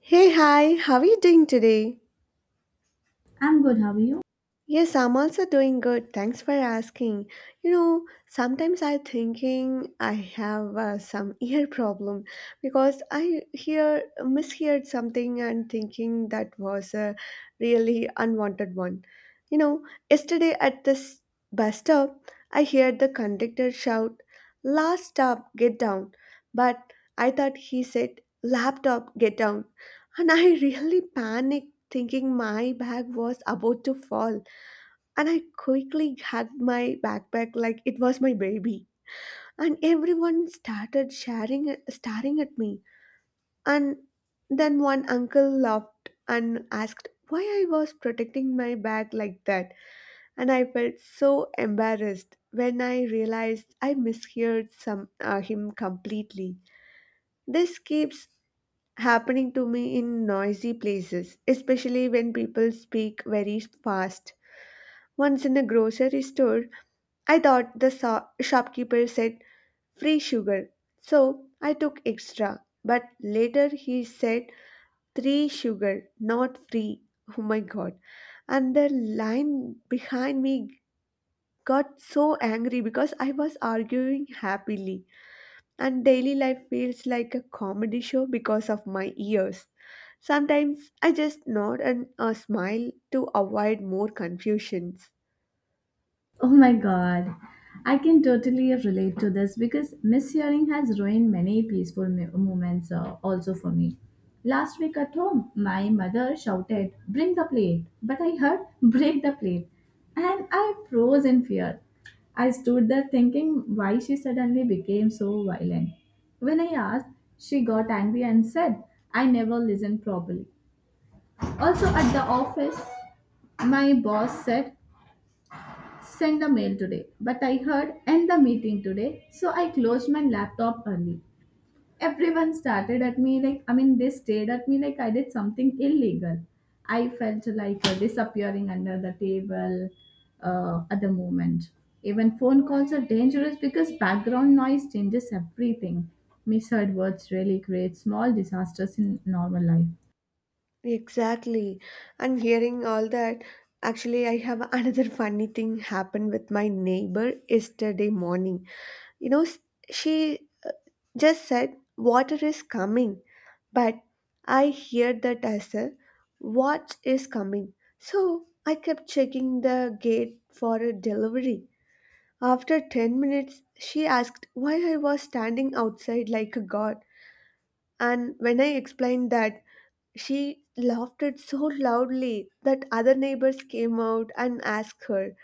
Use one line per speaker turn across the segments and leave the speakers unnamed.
Hey, hi, how are you doing today?
I'm good, how are you?
Yes, I'm also doing good. Thanks for asking. You know, sometimes I thinking I have some ear problem because I hear misheard something and thinking that was a really unwanted one. You know, yesterday at this bus stop, I heard the conductor shout, "Last stop, get down." But I thought he said, "Laptop, get down," and I really panicked thinking my bag was about to fall and I quickly had my backpack like it was my baby. And everyone started sharing, staring at me. And then one uncle laughed and asked why I was protecting my bag like that. And I felt so embarrassed when I realized I misheard some him completely. This keeps happening to me in noisy places, especially when people speak very fast. Once in a grocery store, I thought the shopkeeper said free sugar, so I took extra. But later he said three sugar, not free. Oh my god. And the line behind me got so angry because I was arguing happily. And daily life feels like a comedy show because of my ears. Sometimes I just nod and smile to avoid more confusions.
Oh my god, I can totally relate to this because mishearing has ruined many peaceful moments, also for me. Last week at home, my mother shouted, "Bring the plate," but I heard, "Break the plate," and I froze in fear. I stood there thinking why she suddenly became so violent. When I asked, she got angry and said, I never listened properly. Also, at the office, my boss said send the mail today. But I heard end the meeting today, so I closed my laptop early. Everyone started at me like, I mean, they stared at me like I did something illegal. I felt like disappearing under the table at the moment. Even phone calls are dangerous because background noise changes everything. Misheard words really create small disasters in normal life.
Exactly. And hearing all that, actually, I have another funny thing happened with my neighbor yesterday morning. You know, she just said, water is coming. But I hear that as a what is coming. So I kept checking the gate for a delivery. After 10 minutes, she asked why I was standing outside like a god. And when I explained that, she laughed it so loudly that other neighbors came out and asked her,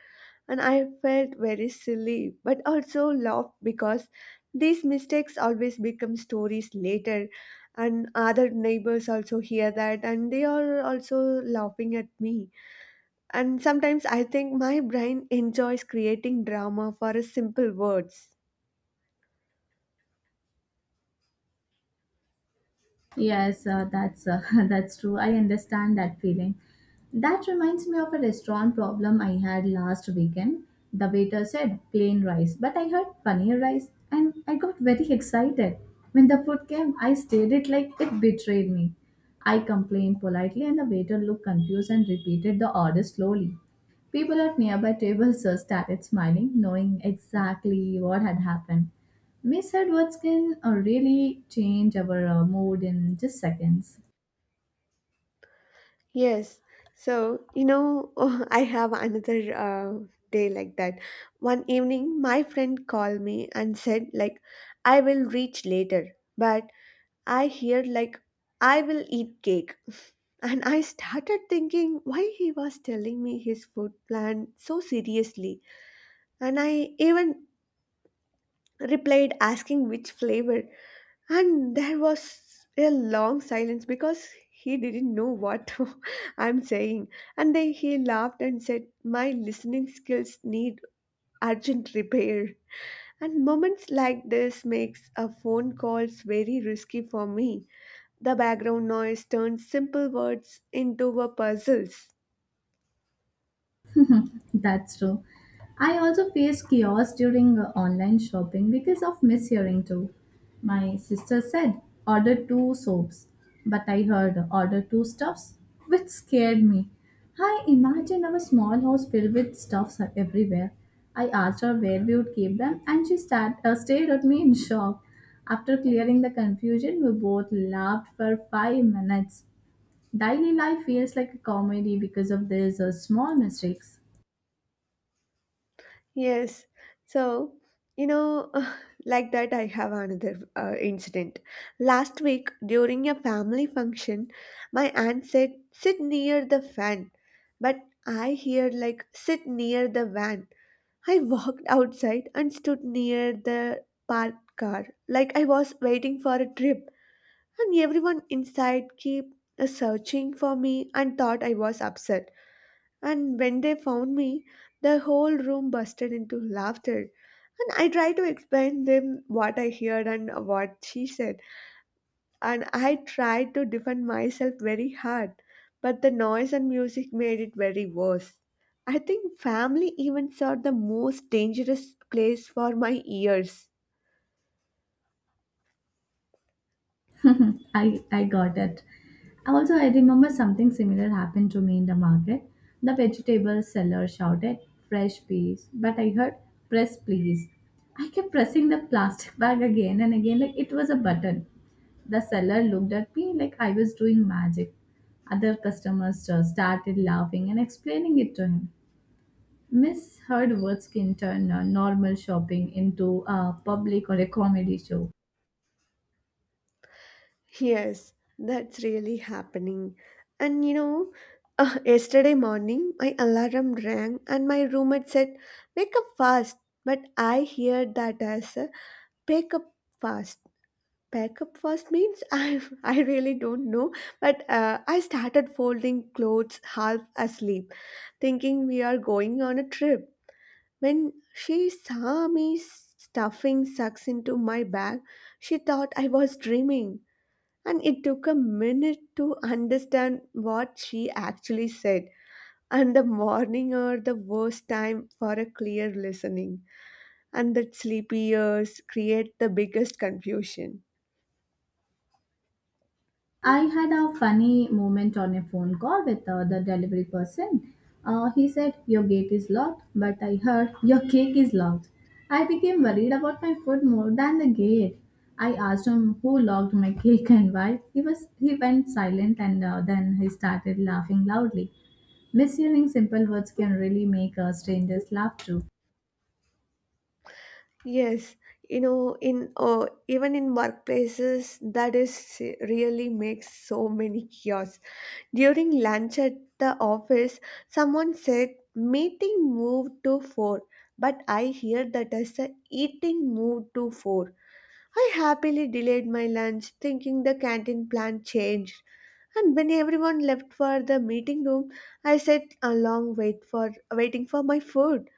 and I felt very silly, but also laughed because these mistakes always become stories later, and other neighbors also hear that, and they are also laughing at me. And sometimes I think my brain enjoys creating drama for a simple words.
Yes, that's that's true. I understand that feeling. That reminds me of a restaurant problem I had last weekend. The waiter said plain rice, but I heard paneer rice, and I got very excited. When the food came, I stared it like it betrayed me. I complained politely, and the waiter looked confused and repeated the order slowly. People at nearby tables started smiling, knowing exactly what had happened. Miss Edwards can really change our mood in just seconds.
Yes. So, you know, I have another day like that. One evening, my friend called me and said, like, I will reach later, but I hear, like, I will eat cake. And I started thinking why he was telling me his food plan so seriously. And I even replied asking which flavor. And there was a long silence because he didn't know what I'm saying. And then he laughed and said, my listening skills need urgent repair. And moments like this makes a phone calls very risky for me. The background noise turns simple words into a puzzles.
That's true. I also faced chaos during online shopping because of mishearing too. My sister said, "Order two soaps," but I heard, "Order two stuffs," which scared me. I imagined our small house filled with stuffs everywhere. I asked her where we would keep them, and she stared at me in shock. After clearing the confusion, we both laughed for 5 minutes. Daily life feels like a comedy because of these small mistakes.
Yes. So, you know, like that, I have another incident. Last week, during a family function, my aunt said, sit near the fan. But I heard, like, sit near the van. I walked outside and stood near the parked car, like I was waiting for a trip and everyone inside kept searching for me and thought I was upset. And when they found me, the whole room busted into laughter. And I tried to explain them what I heard and what she said. And I tried to defend myself very hard, but the noise and music made it very worse. I think family events are the most dangerous place for my ears.
I got that. Also, I remember something similar happened to me in the market. The vegetable seller shouted, "Fresh peas," but I heard, "Press please." I kept pressing the plastic bag again and again like it was a button. The seller looked at me like I was doing magic. Other customers started laughing and explaining it to him. Miss Hurdwitz can turn normal shopping into a public or a comedy show.
Yes, that's really happening. And you know, yesterday morning my alarm rang and my roommate said, wake up fast. But I hear that as a "wake up fast. Pack up fast means I really don't know. But I started folding clothes half asleep, thinking we are going on a trip. When she saw me stuffing socks into my bag, she thought I was dreaming and it took a minute to understand what she actually said. And the morning are the worst time for a clear listening, and that sleepy ears create the biggest confusion.
I had a funny moment on a phone call with the delivery person. He said, "Your gate is locked," but I heard "your cake is locked." I became worried about my food more than the gate. I asked him who locked my cake and why. He went silent and then he started laughing loudly. Mishearing simple words can really make strangers laugh too.
Yes, you know, in even in workplaces, that is really makes so many chaos. During lunch at the office, someone said meeting moved to four, but I hear that as a eating moved to four. I happily delayed my lunch, thinking the canteen plan changed. And when everyone left for the meeting room, I sat a long waiting for my food.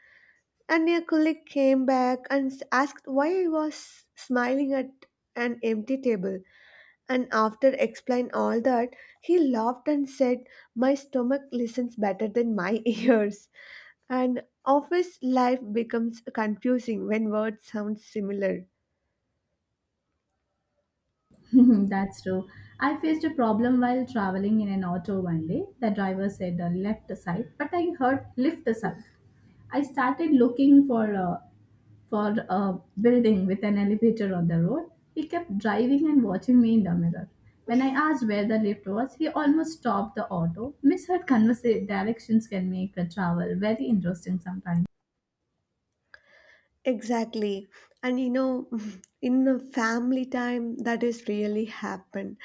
And a colleague came back and asked why I was smiling at an empty table. And after explain all that, he laughed and said, "My stomach listens better than my ears." And office life becomes confusing when words sound similar.
That's true. I faced a problem while traveling in an auto one day. The driver said left side, but I heard lift side. I started looking for a building with an elevator on the road. He kept driving and watching me in the mirror. When I asked where the lift was, he almost stopped the auto. Misheard directions can make a travel very interesting sometimes.
Exactly. And you know, in the family time, that is really happened.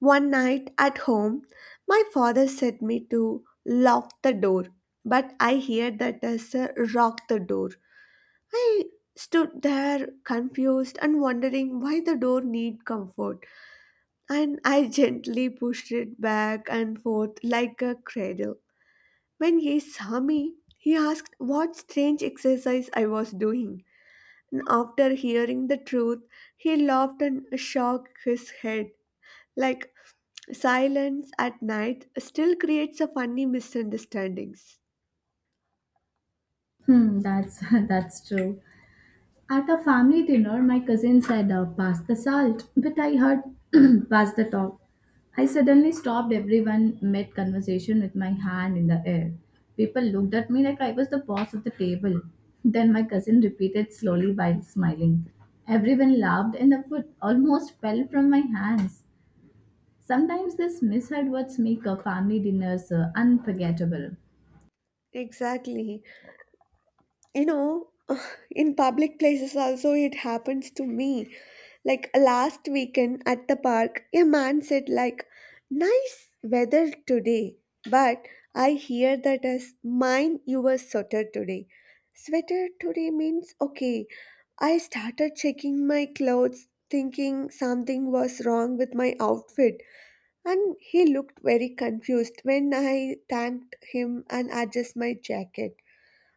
One night at home, my father said me to lock the door, but I hear that as a rock the door. I stood there confused and wondering why the door need comfort, and I gently pushed it back and forth like a cradle. When he saw me, he asked what strange exercise I was doing. And after hearing the truth, he laughed and shook his head. Like silence at night still creates a funny misunderstandings.
Hmm, that's that's true. At a family dinner, my cousin said, "Pass the salt," but I heard, "Pass the top." I suddenly stopped everyone mid conversation with my hand in the air. People looked at me like I was the boss of the table. Then my cousin repeated slowly while smiling. Everyone laughed, and the food almost fell from my hands. Sometimes these misheard words make a family dinners unforgettable.
Exactly. You know, in public places also it happens to me. Like last weekend at the park, a man said like nice weather today, but I hear that as mind your sweater today. Sweater today means okay. I started checking my clothes thinking something was wrong with my outfit and he looked very confused when I thanked him and adjusted my jacket.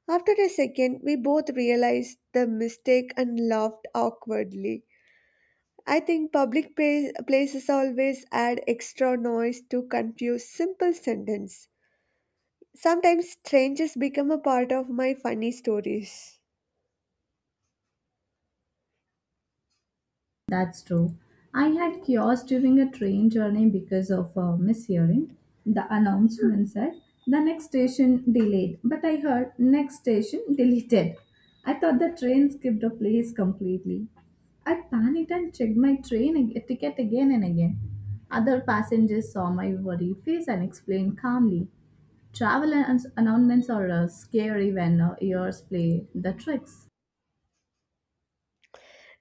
After a second, we both realized the mistake and laughed awkwardly. I think public places always add extra noise to confuse simple sentence. Sometimes strangers become a part of my funny stories.
That's true. I had chaos during a train journey because of a mishearing. The announcement said the next station delayed, but I heard next station deleted. I thought the train skipped a place completely. I panicked and checked my ticket again and again. Other passengers saw my worried face and explained calmly. Announcements are scary when ears play the tricks.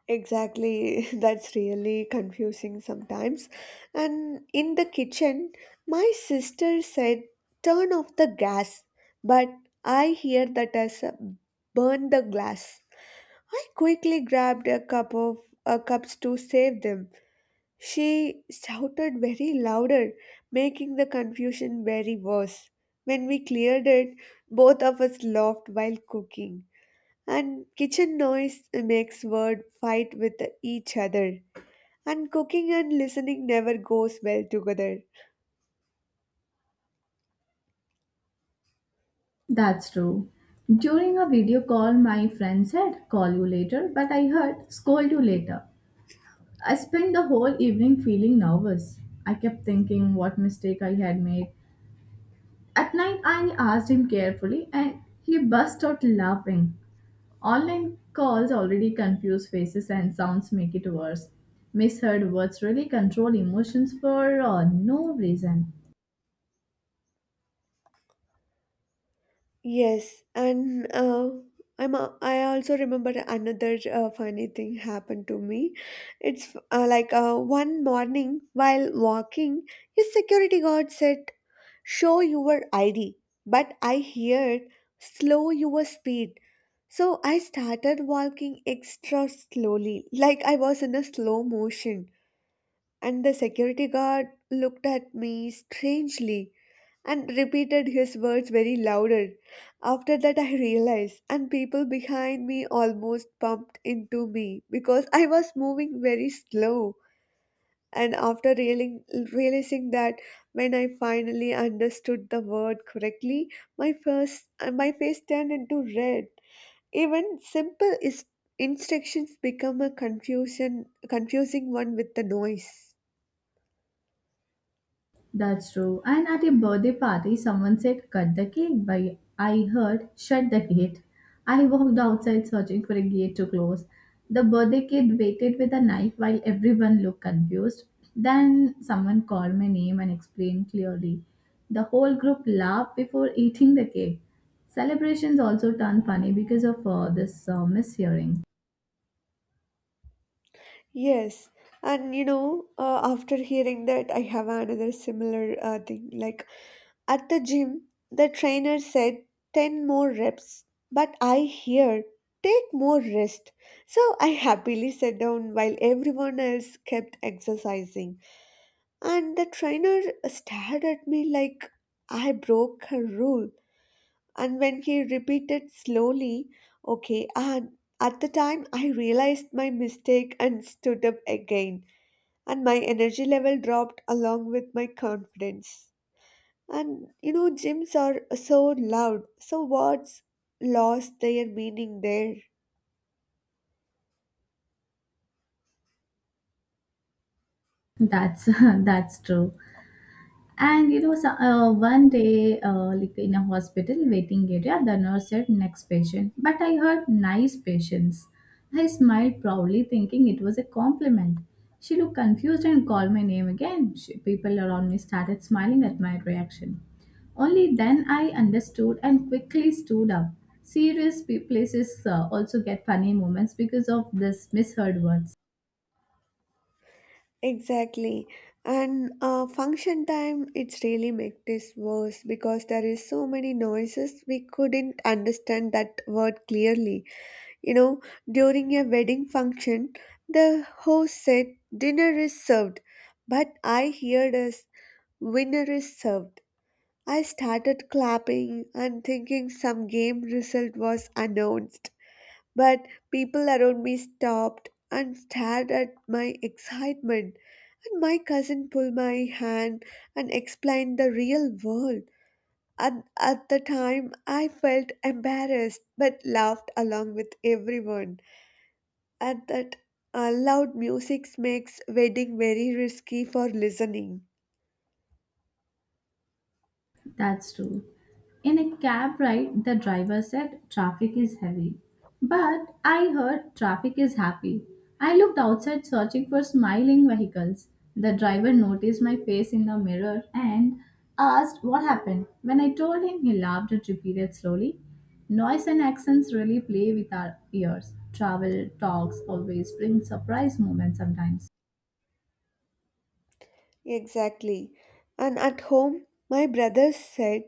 Exactly, that's really confusing sometimes. And in the kitchen, my sister said, turn off the gas, but I hear that as a burn the glass. I quickly grabbed a cup of cups to save them. She shouted very louder, making the confusion very worse. When we cleared it, both of us laughed while cooking, and kitchen noise makes word fight with each other. And cooking and listening never goes well together.
That's true. During a video call, my friend said, "Call you later," but I heard, "Scold you later." I spent the whole evening feeling nervous. I kept thinking what mistake I had made. At night, I asked him carefully, and he burst out laughing. Online calls already confuse faces and sounds make it worse. Misheard words really control emotions for no reason.
Yes, and I'm I also remember another funny thing happened to me. It's like One morning while walking, a security guard said show your ID, but I heard slow your speed. So I started walking extra slowly, like I was in a slow motion. And the security guard looked at me strangely and repeated his words very louder. After that, I realized, and people behind me almost bumped into me because I was moving very slow. And realizing that when I finally understood the word correctly, my face turned into red. Even simple instructions become a confusion confusing one with the noise.
That's true. And at a birthday party, someone said, "Cut the cake," but I heard, "Shut the gate." I walked outside searching for a gate to close. The birthday kid waited with a knife while everyone looked confused. Then someone called my name and explained clearly. The whole group laughed before eating the cake. Celebrations also turned funny because of this mishearing.
Yes, and you know, after hearing that, I have another similar thing like. At the gym, the trainer said 10 more reps, but I heard take more rest. So I happily sat down while everyone else kept exercising. And the trainer stared at me like I broke a rule. And when he repeated slowly, okay, and at the time I realized my mistake and stood up again. And my energy level dropped along with my confidence. And you know, gyms are so loud, so words lost their meaning there.
That's that's true. And you know, so, One day, like in a hospital waiting area, the nurse said next patient, but I heard nice patients. I smiled proudly, thinking it was a compliment. She looked confused and called my name again. People around me started smiling at my reaction. Only then I understood and quickly stood up. Places also get funny moments because of this misheard words.
Exactly. And function time, it's really make this worse because there is so many noises we couldn't understand that word clearly. You know, during a wedding function, the host said dinner is served, but I heard as winner is served. I started clapping and thinking some game result was announced. But people around me stopped and stared at my excitement, and my cousin pulled my hand and explained the real world. And at the time, I felt embarrassed but laughed along with everyone. At that, loud music makes wedding very risky for listening.
That's true. In a cab ride, the driver said traffic is heavy. But I heard traffic is happy. I looked outside searching for smiling vehicles. The driver noticed my face in the mirror and asked what happened. When I told him, he laughed and repeated slowly. Noise and accents really play with our ears. Travel talks always bring surprise moments sometimes.
Exactly. And at home, my brother said,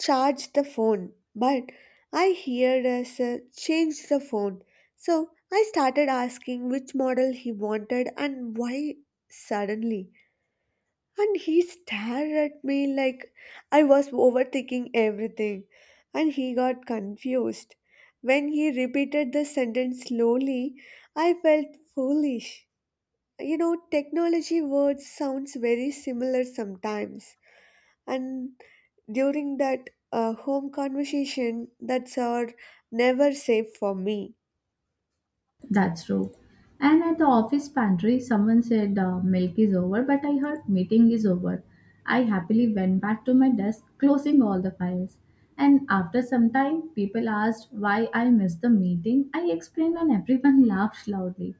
charge the phone. But I heard us a change the phone. So I started asking which model he wanted and why suddenly. And he stared at me like I was overthinking everything. And he got confused. When he repeated the sentence slowly, I felt foolish. You know technology words sounds very similar sometimes, and during that home conversation that's our never safe for me.
That's true. And at the office pantry, someone said milk is over, but I heard meeting is over. I happily went back to my desk, closing all the files. And after some time, people asked why I missed the meeting. I explained, and everyone laughed loudly.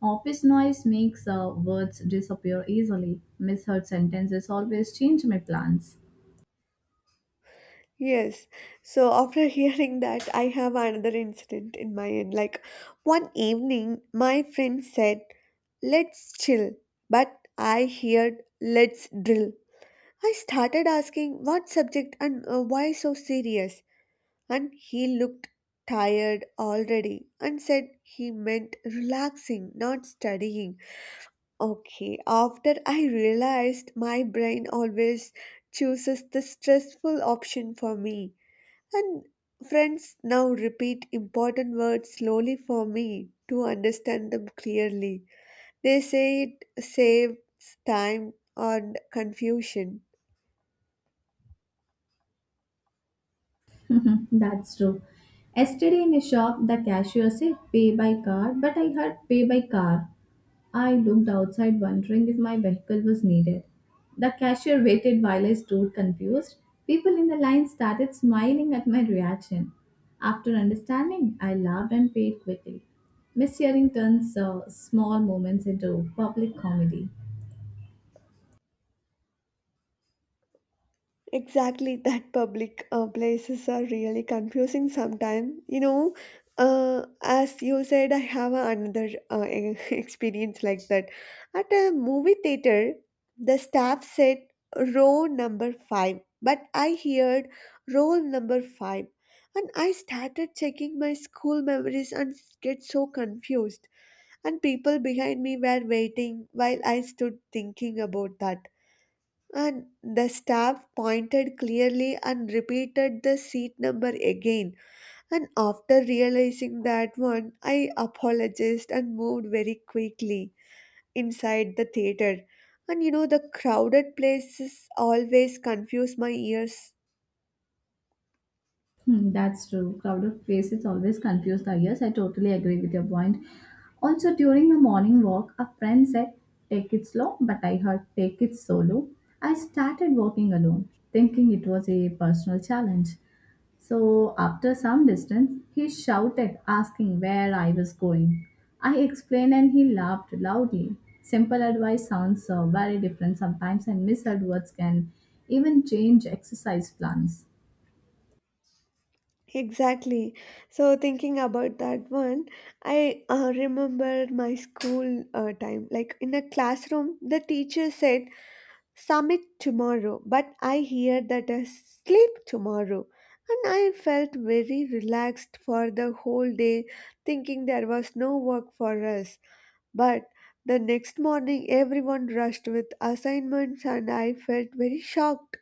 Office noise makes words disappear easily. Misheard sentences always change my plans.
Yes, so after hearing that I have another incident in my end like, one evening my friend said let's chill but I heard let's drill. I started asking what subject and why so serious, and he looked tired already and said he meant relaxing, not studying. Okay, after I realized my brain always chooses the stressful option for me, and friends now repeat important words slowly for me to understand them clearly. They say it saves time and confusion.
That's true. Yesterday in a shop, the cashier said pay by card, but I heard pay by car. I looked outside, wondering if my vehicle was needed. The cashier waited while I stood confused. People in the line started smiling at my reaction. After understanding, I laughed and paid quickly. Mishearing turns small moments into public comedy.
Exactly, that public places are really confusing sometimes. You know, as you said, I have another experience like that. At a movie theater, the staff said row number five, but I heard roll number five. And I started checking my school memories and get so confused. And people behind me were waiting while I stood thinking about that, and the staff pointed clearly and repeated the seat number again. And after realizing that one, I apologized and moved very quickly inside the theater. And you know, the crowded places always confuse my ears.
Hmm, that's true. Crowd of faces always confuse the ears. I totally agree with your point. Also, during the morning walk, a friend said, "Take it slow," but I heard, "Take it solo." I started walking alone, thinking it was a personal challenge. So, after some distance, he shouted, asking where I was going. I explained and he laughed loudly. Simple advice sounds very different sometimes, and misheard words can even change exercise plans.
Exactly. So, thinking about that one, I remember my school time. Like in a classroom, the teacher said summit tomorrow, but I hear that I sleep tomorrow. And I felt very relaxed for the whole day, thinking there was no work for us. But the next morning, everyone rushed with assignments, and I felt very shocked.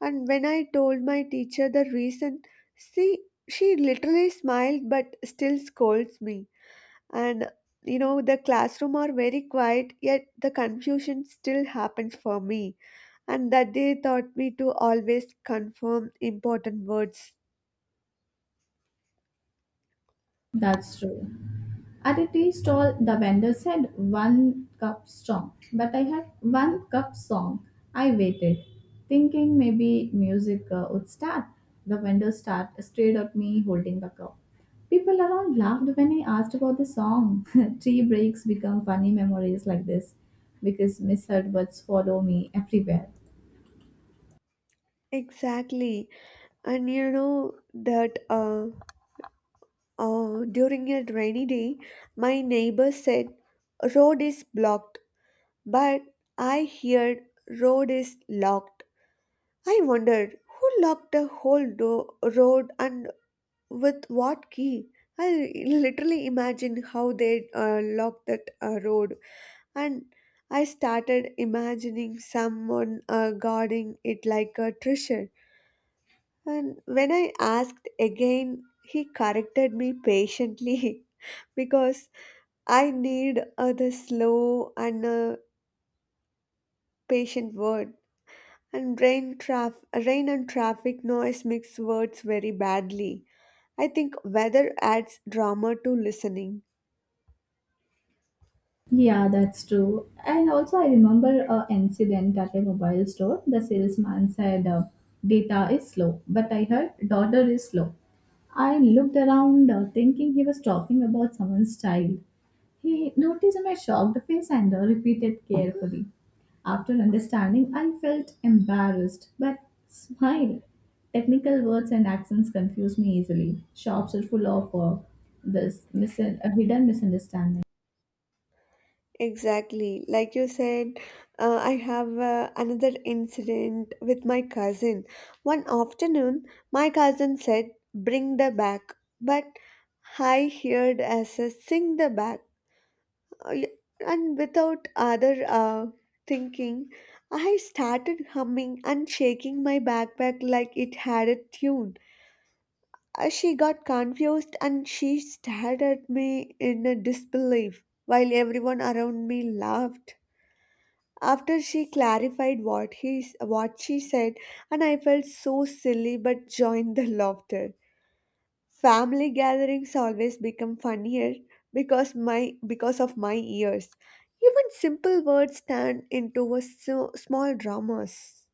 And when I told my teacher the reason, see, she literally smiled but still scolds me, and you know the classroom are very quiet yet the confusion still happens for me, and that they taught me to always confirm important words.
That's true. At a tea stall, the vendor said one cup strong, but I had one cup song. I waited, thinking maybe music would start. Stared at me holding the cup. People around laughed when I asked about the song. Tea breaks become funny memories like this because misheard words follow me everywhere.
Exactly. And you know that during a rainy day my neighbor said road is blocked, but I heard road is locked. I wondered who locked the whole road, and with what key? I literally imagine how they locked that road, and I started imagining someone guarding it like a treasure. And when I asked again, he corrected me patiently because I need the slow and patient word. And rain and traffic noise mix words very badly. I think weather adds drama to listening.
Yeah, that's true. And also, I remember a incident at a mobile store. The salesman said, "Data is slow," but I heard "daughter is slow." I looked around, thinking he was talking about someone's child. He noticed my shocked face and repeated carefully. After understanding, I felt embarrassed, but smiled. Technical words and accents confuse me easily. Shops are full of this mis- uh, hidden misunderstanding.
Exactly. Like you said, I have another incident with my cousin. One afternoon, my cousin said, "Bring the bag." But I heard as a sing the bag. I- And without other thinking, I started humming and shaking my backpack like it had a tune. She got confused and she stared at me in a disbelief while everyone around me laughed. After she clarified what she said, and I felt so silly but joined the laughter. Family gatherings always become funnier because of my ears. Even simple words turn into a so, small dramas.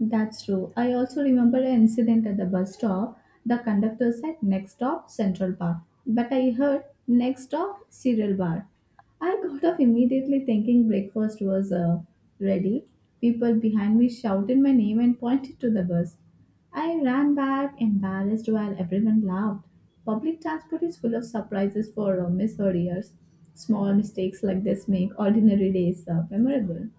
That's true. I also remember an incident at the bus stop. The conductor said next stop Central Park, but I heard next stop Cereal Bar. I got off immediately thinking breakfast was ready. People behind me shouted my name and pointed to the bus. I ran back embarrassed while everyone laughed. Public transport is full of surprises for misheard ears. Small mistakes like this make ordinary days memorable.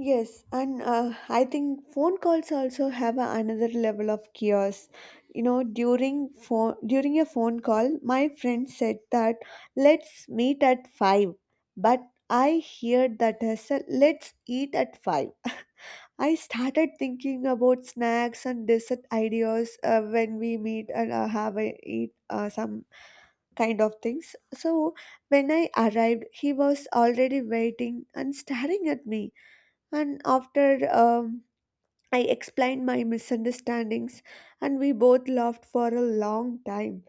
Yes, and I think phone calls also have another level of chaos. You know, during a phone call, my friend said that let's meet at 5, but I heard that as a let's eat at 5. I started thinking about snacks and dessert ideas when we meet and have a eat some kind of things. So when I arrived, he was already waiting and staring at me. And after I explained my misunderstandings, and we both laughed for a long time.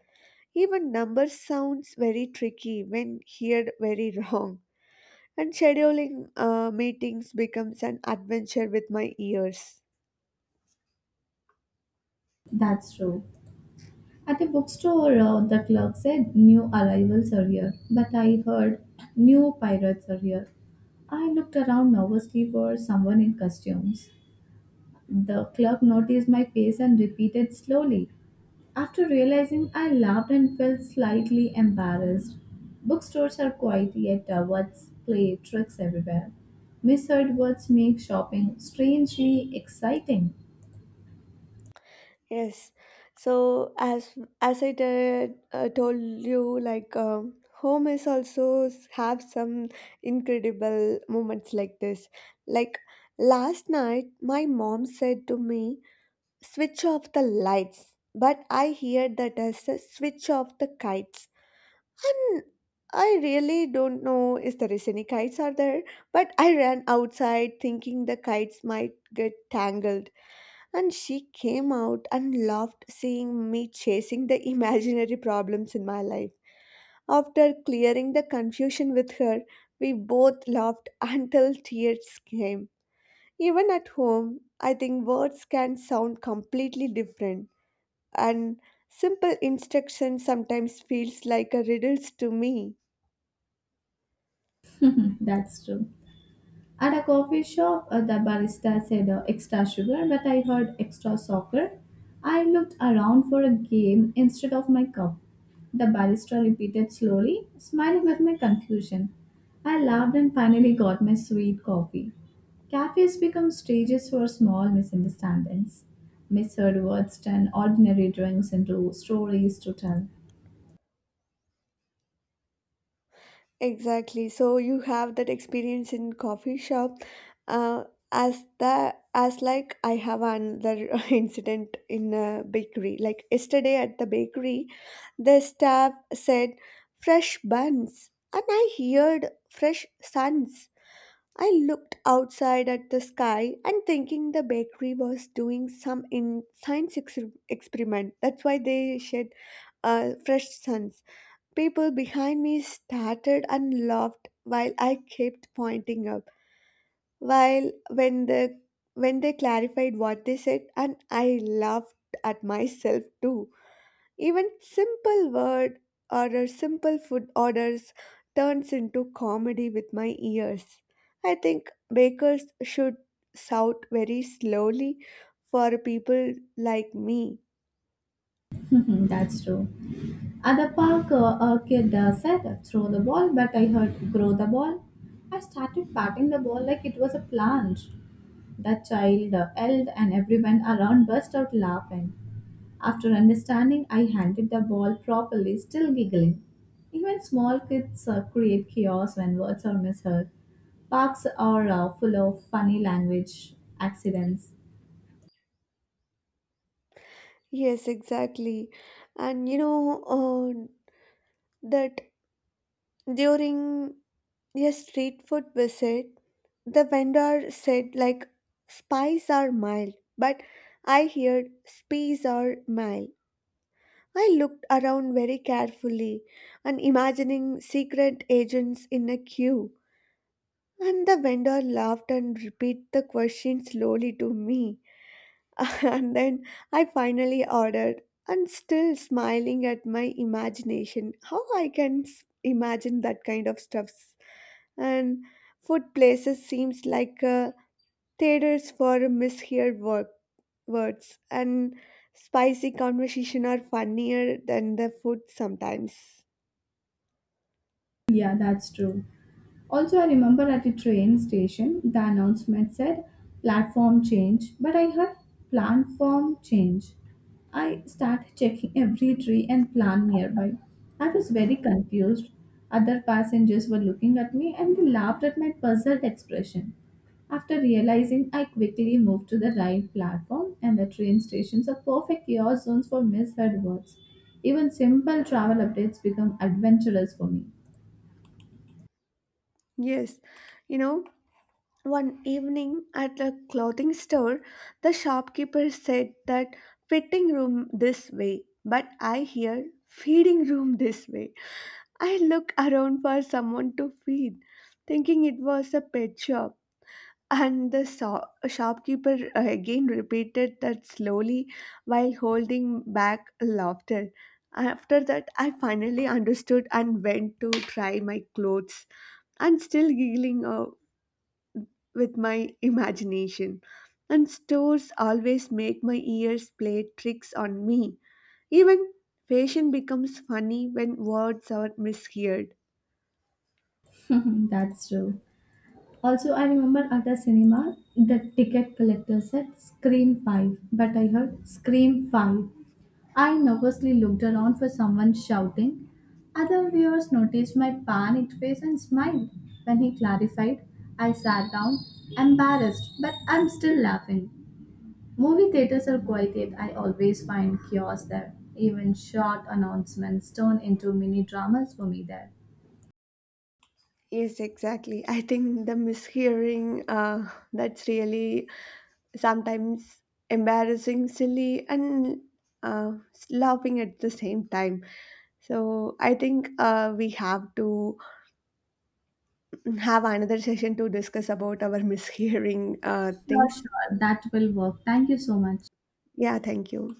Even number sounds very tricky when heard very wrong, and scheduling meetings becomes an adventure with my ears.
That's true. At the bookstore, the clerk said new arrivals are here, but I heard new pirates are here. I looked around nervously for someone in costumes. The clerk noticed my face and repeated slowly. After realizing, I laughed and felt slightly embarrassed. Bookstores are quiet, yet words play tricks everywhere. Misheard words make shopping strangely exciting.
Yes, so as told you, like home is also have some incredible moments like this. Like last night, my mom said to me switch off the lights, but I hear that as a switch off the kites. And I really don't know if there is any kites are there, but I ran outside thinking the kites might get tangled. And she came out and laughed seeing me chasing the imaginary problems in my life. After clearing the confusion with her, we both laughed until tears came. Even at home, I think words can sound completely different, and simple instruction sometimes feels like a riddles to me.
That's true. At a coffee shop, the barista said extra sugar, but I heard extra soccer. I looked around for a game instead of my cup. The barista repeated slowly, smiling at my confusion. I laughed and finally got my sweet coffee. Cafes become stages for small misunderstandings. Misheard words turn ordinary drinks into stories to tell.
Exactly. So you have that experience in coffee shop. Uh, as I have another incident in a bakery. Like yesterday at the bakery, the staff said fresh buns, and I heard fresh suns. I looked outside at the sky and thinking the bakery was doing some in science experiment. That's why they shed fresh suns. People behind me started and laughed while I kept pointing up. While when the when they clarified what they said, and I laughed at myself too. Even simple word or a simple food orders turns into comedy with my ears. I think bakers should shout very slowly for people like me.
That's true. At the park, a kid said, "Throw the ball," but I heard, "Grow the ball." I started patting the ball like it was a plant. That child yelled, and everyone around burst out laughing. After understanding, I handed the ball properly, still giggling. Even small kids create chaos when words are misheard. Parks are full of funny language accidents.
Yes, exactly. And you know that during a street food visit, the vendor said like spice are mild, but I heard spice are mild. I looked around very carefully and imagining secret agents in a queue. And the vendor laughed and repeated the question slowly to me. And then I finally ordered and still smiling at my imagination. How I can imagine that kind of stuffs. And food places seems like a theaters for misheard words, and spicy conversation are funnier than the food sometimes.
Yeah, that's true. Also, I remember at a train station, the announcement said platform change, but I heard platform change. I started checking every tree and plant nearby. I was very confused. Other passengers were looking at me and they laughed at my puzzled expression. After realizing, I quickly moved to the right platform, and the train stations are perfect chaos zones for misheard words. Even simple travel updates become adventurous for me.
Yes, you know, one evening at a clothing store, the shopkeeper said that fitting room this way, but I hear feeding room this way. I look around for someone to feed, thinking it was a pet shop. And the shopkeeper again repeated that slowly while holding back laughter. After that, I finally understood and went to try my clothes and still giggling with my imagination. And stores always make my ears play tricks on me. Even fashion becomes funny when words are misheard.
That's true. Also, I remember at the cinema, the ticket collector said Scream 5, but I heard Scream 5. I nervously looked around for someone shouting. Other viewers noticed my panicked face and smiled. When he clarified, I sat down, embarrassed, but I'm still laughing. Movie theaters are quite yet I always find chaos there. Even short announcements turn into mini dramas for me there.
Yes, exactly. I think the mishearing that's really sometimes embarrassing, silly, and uh, laughing at the same time. So I think we have to have another session to discuss about our mishearing
Sure,
things.
sure. That will work. Thank you so much.
Yeah, thank you.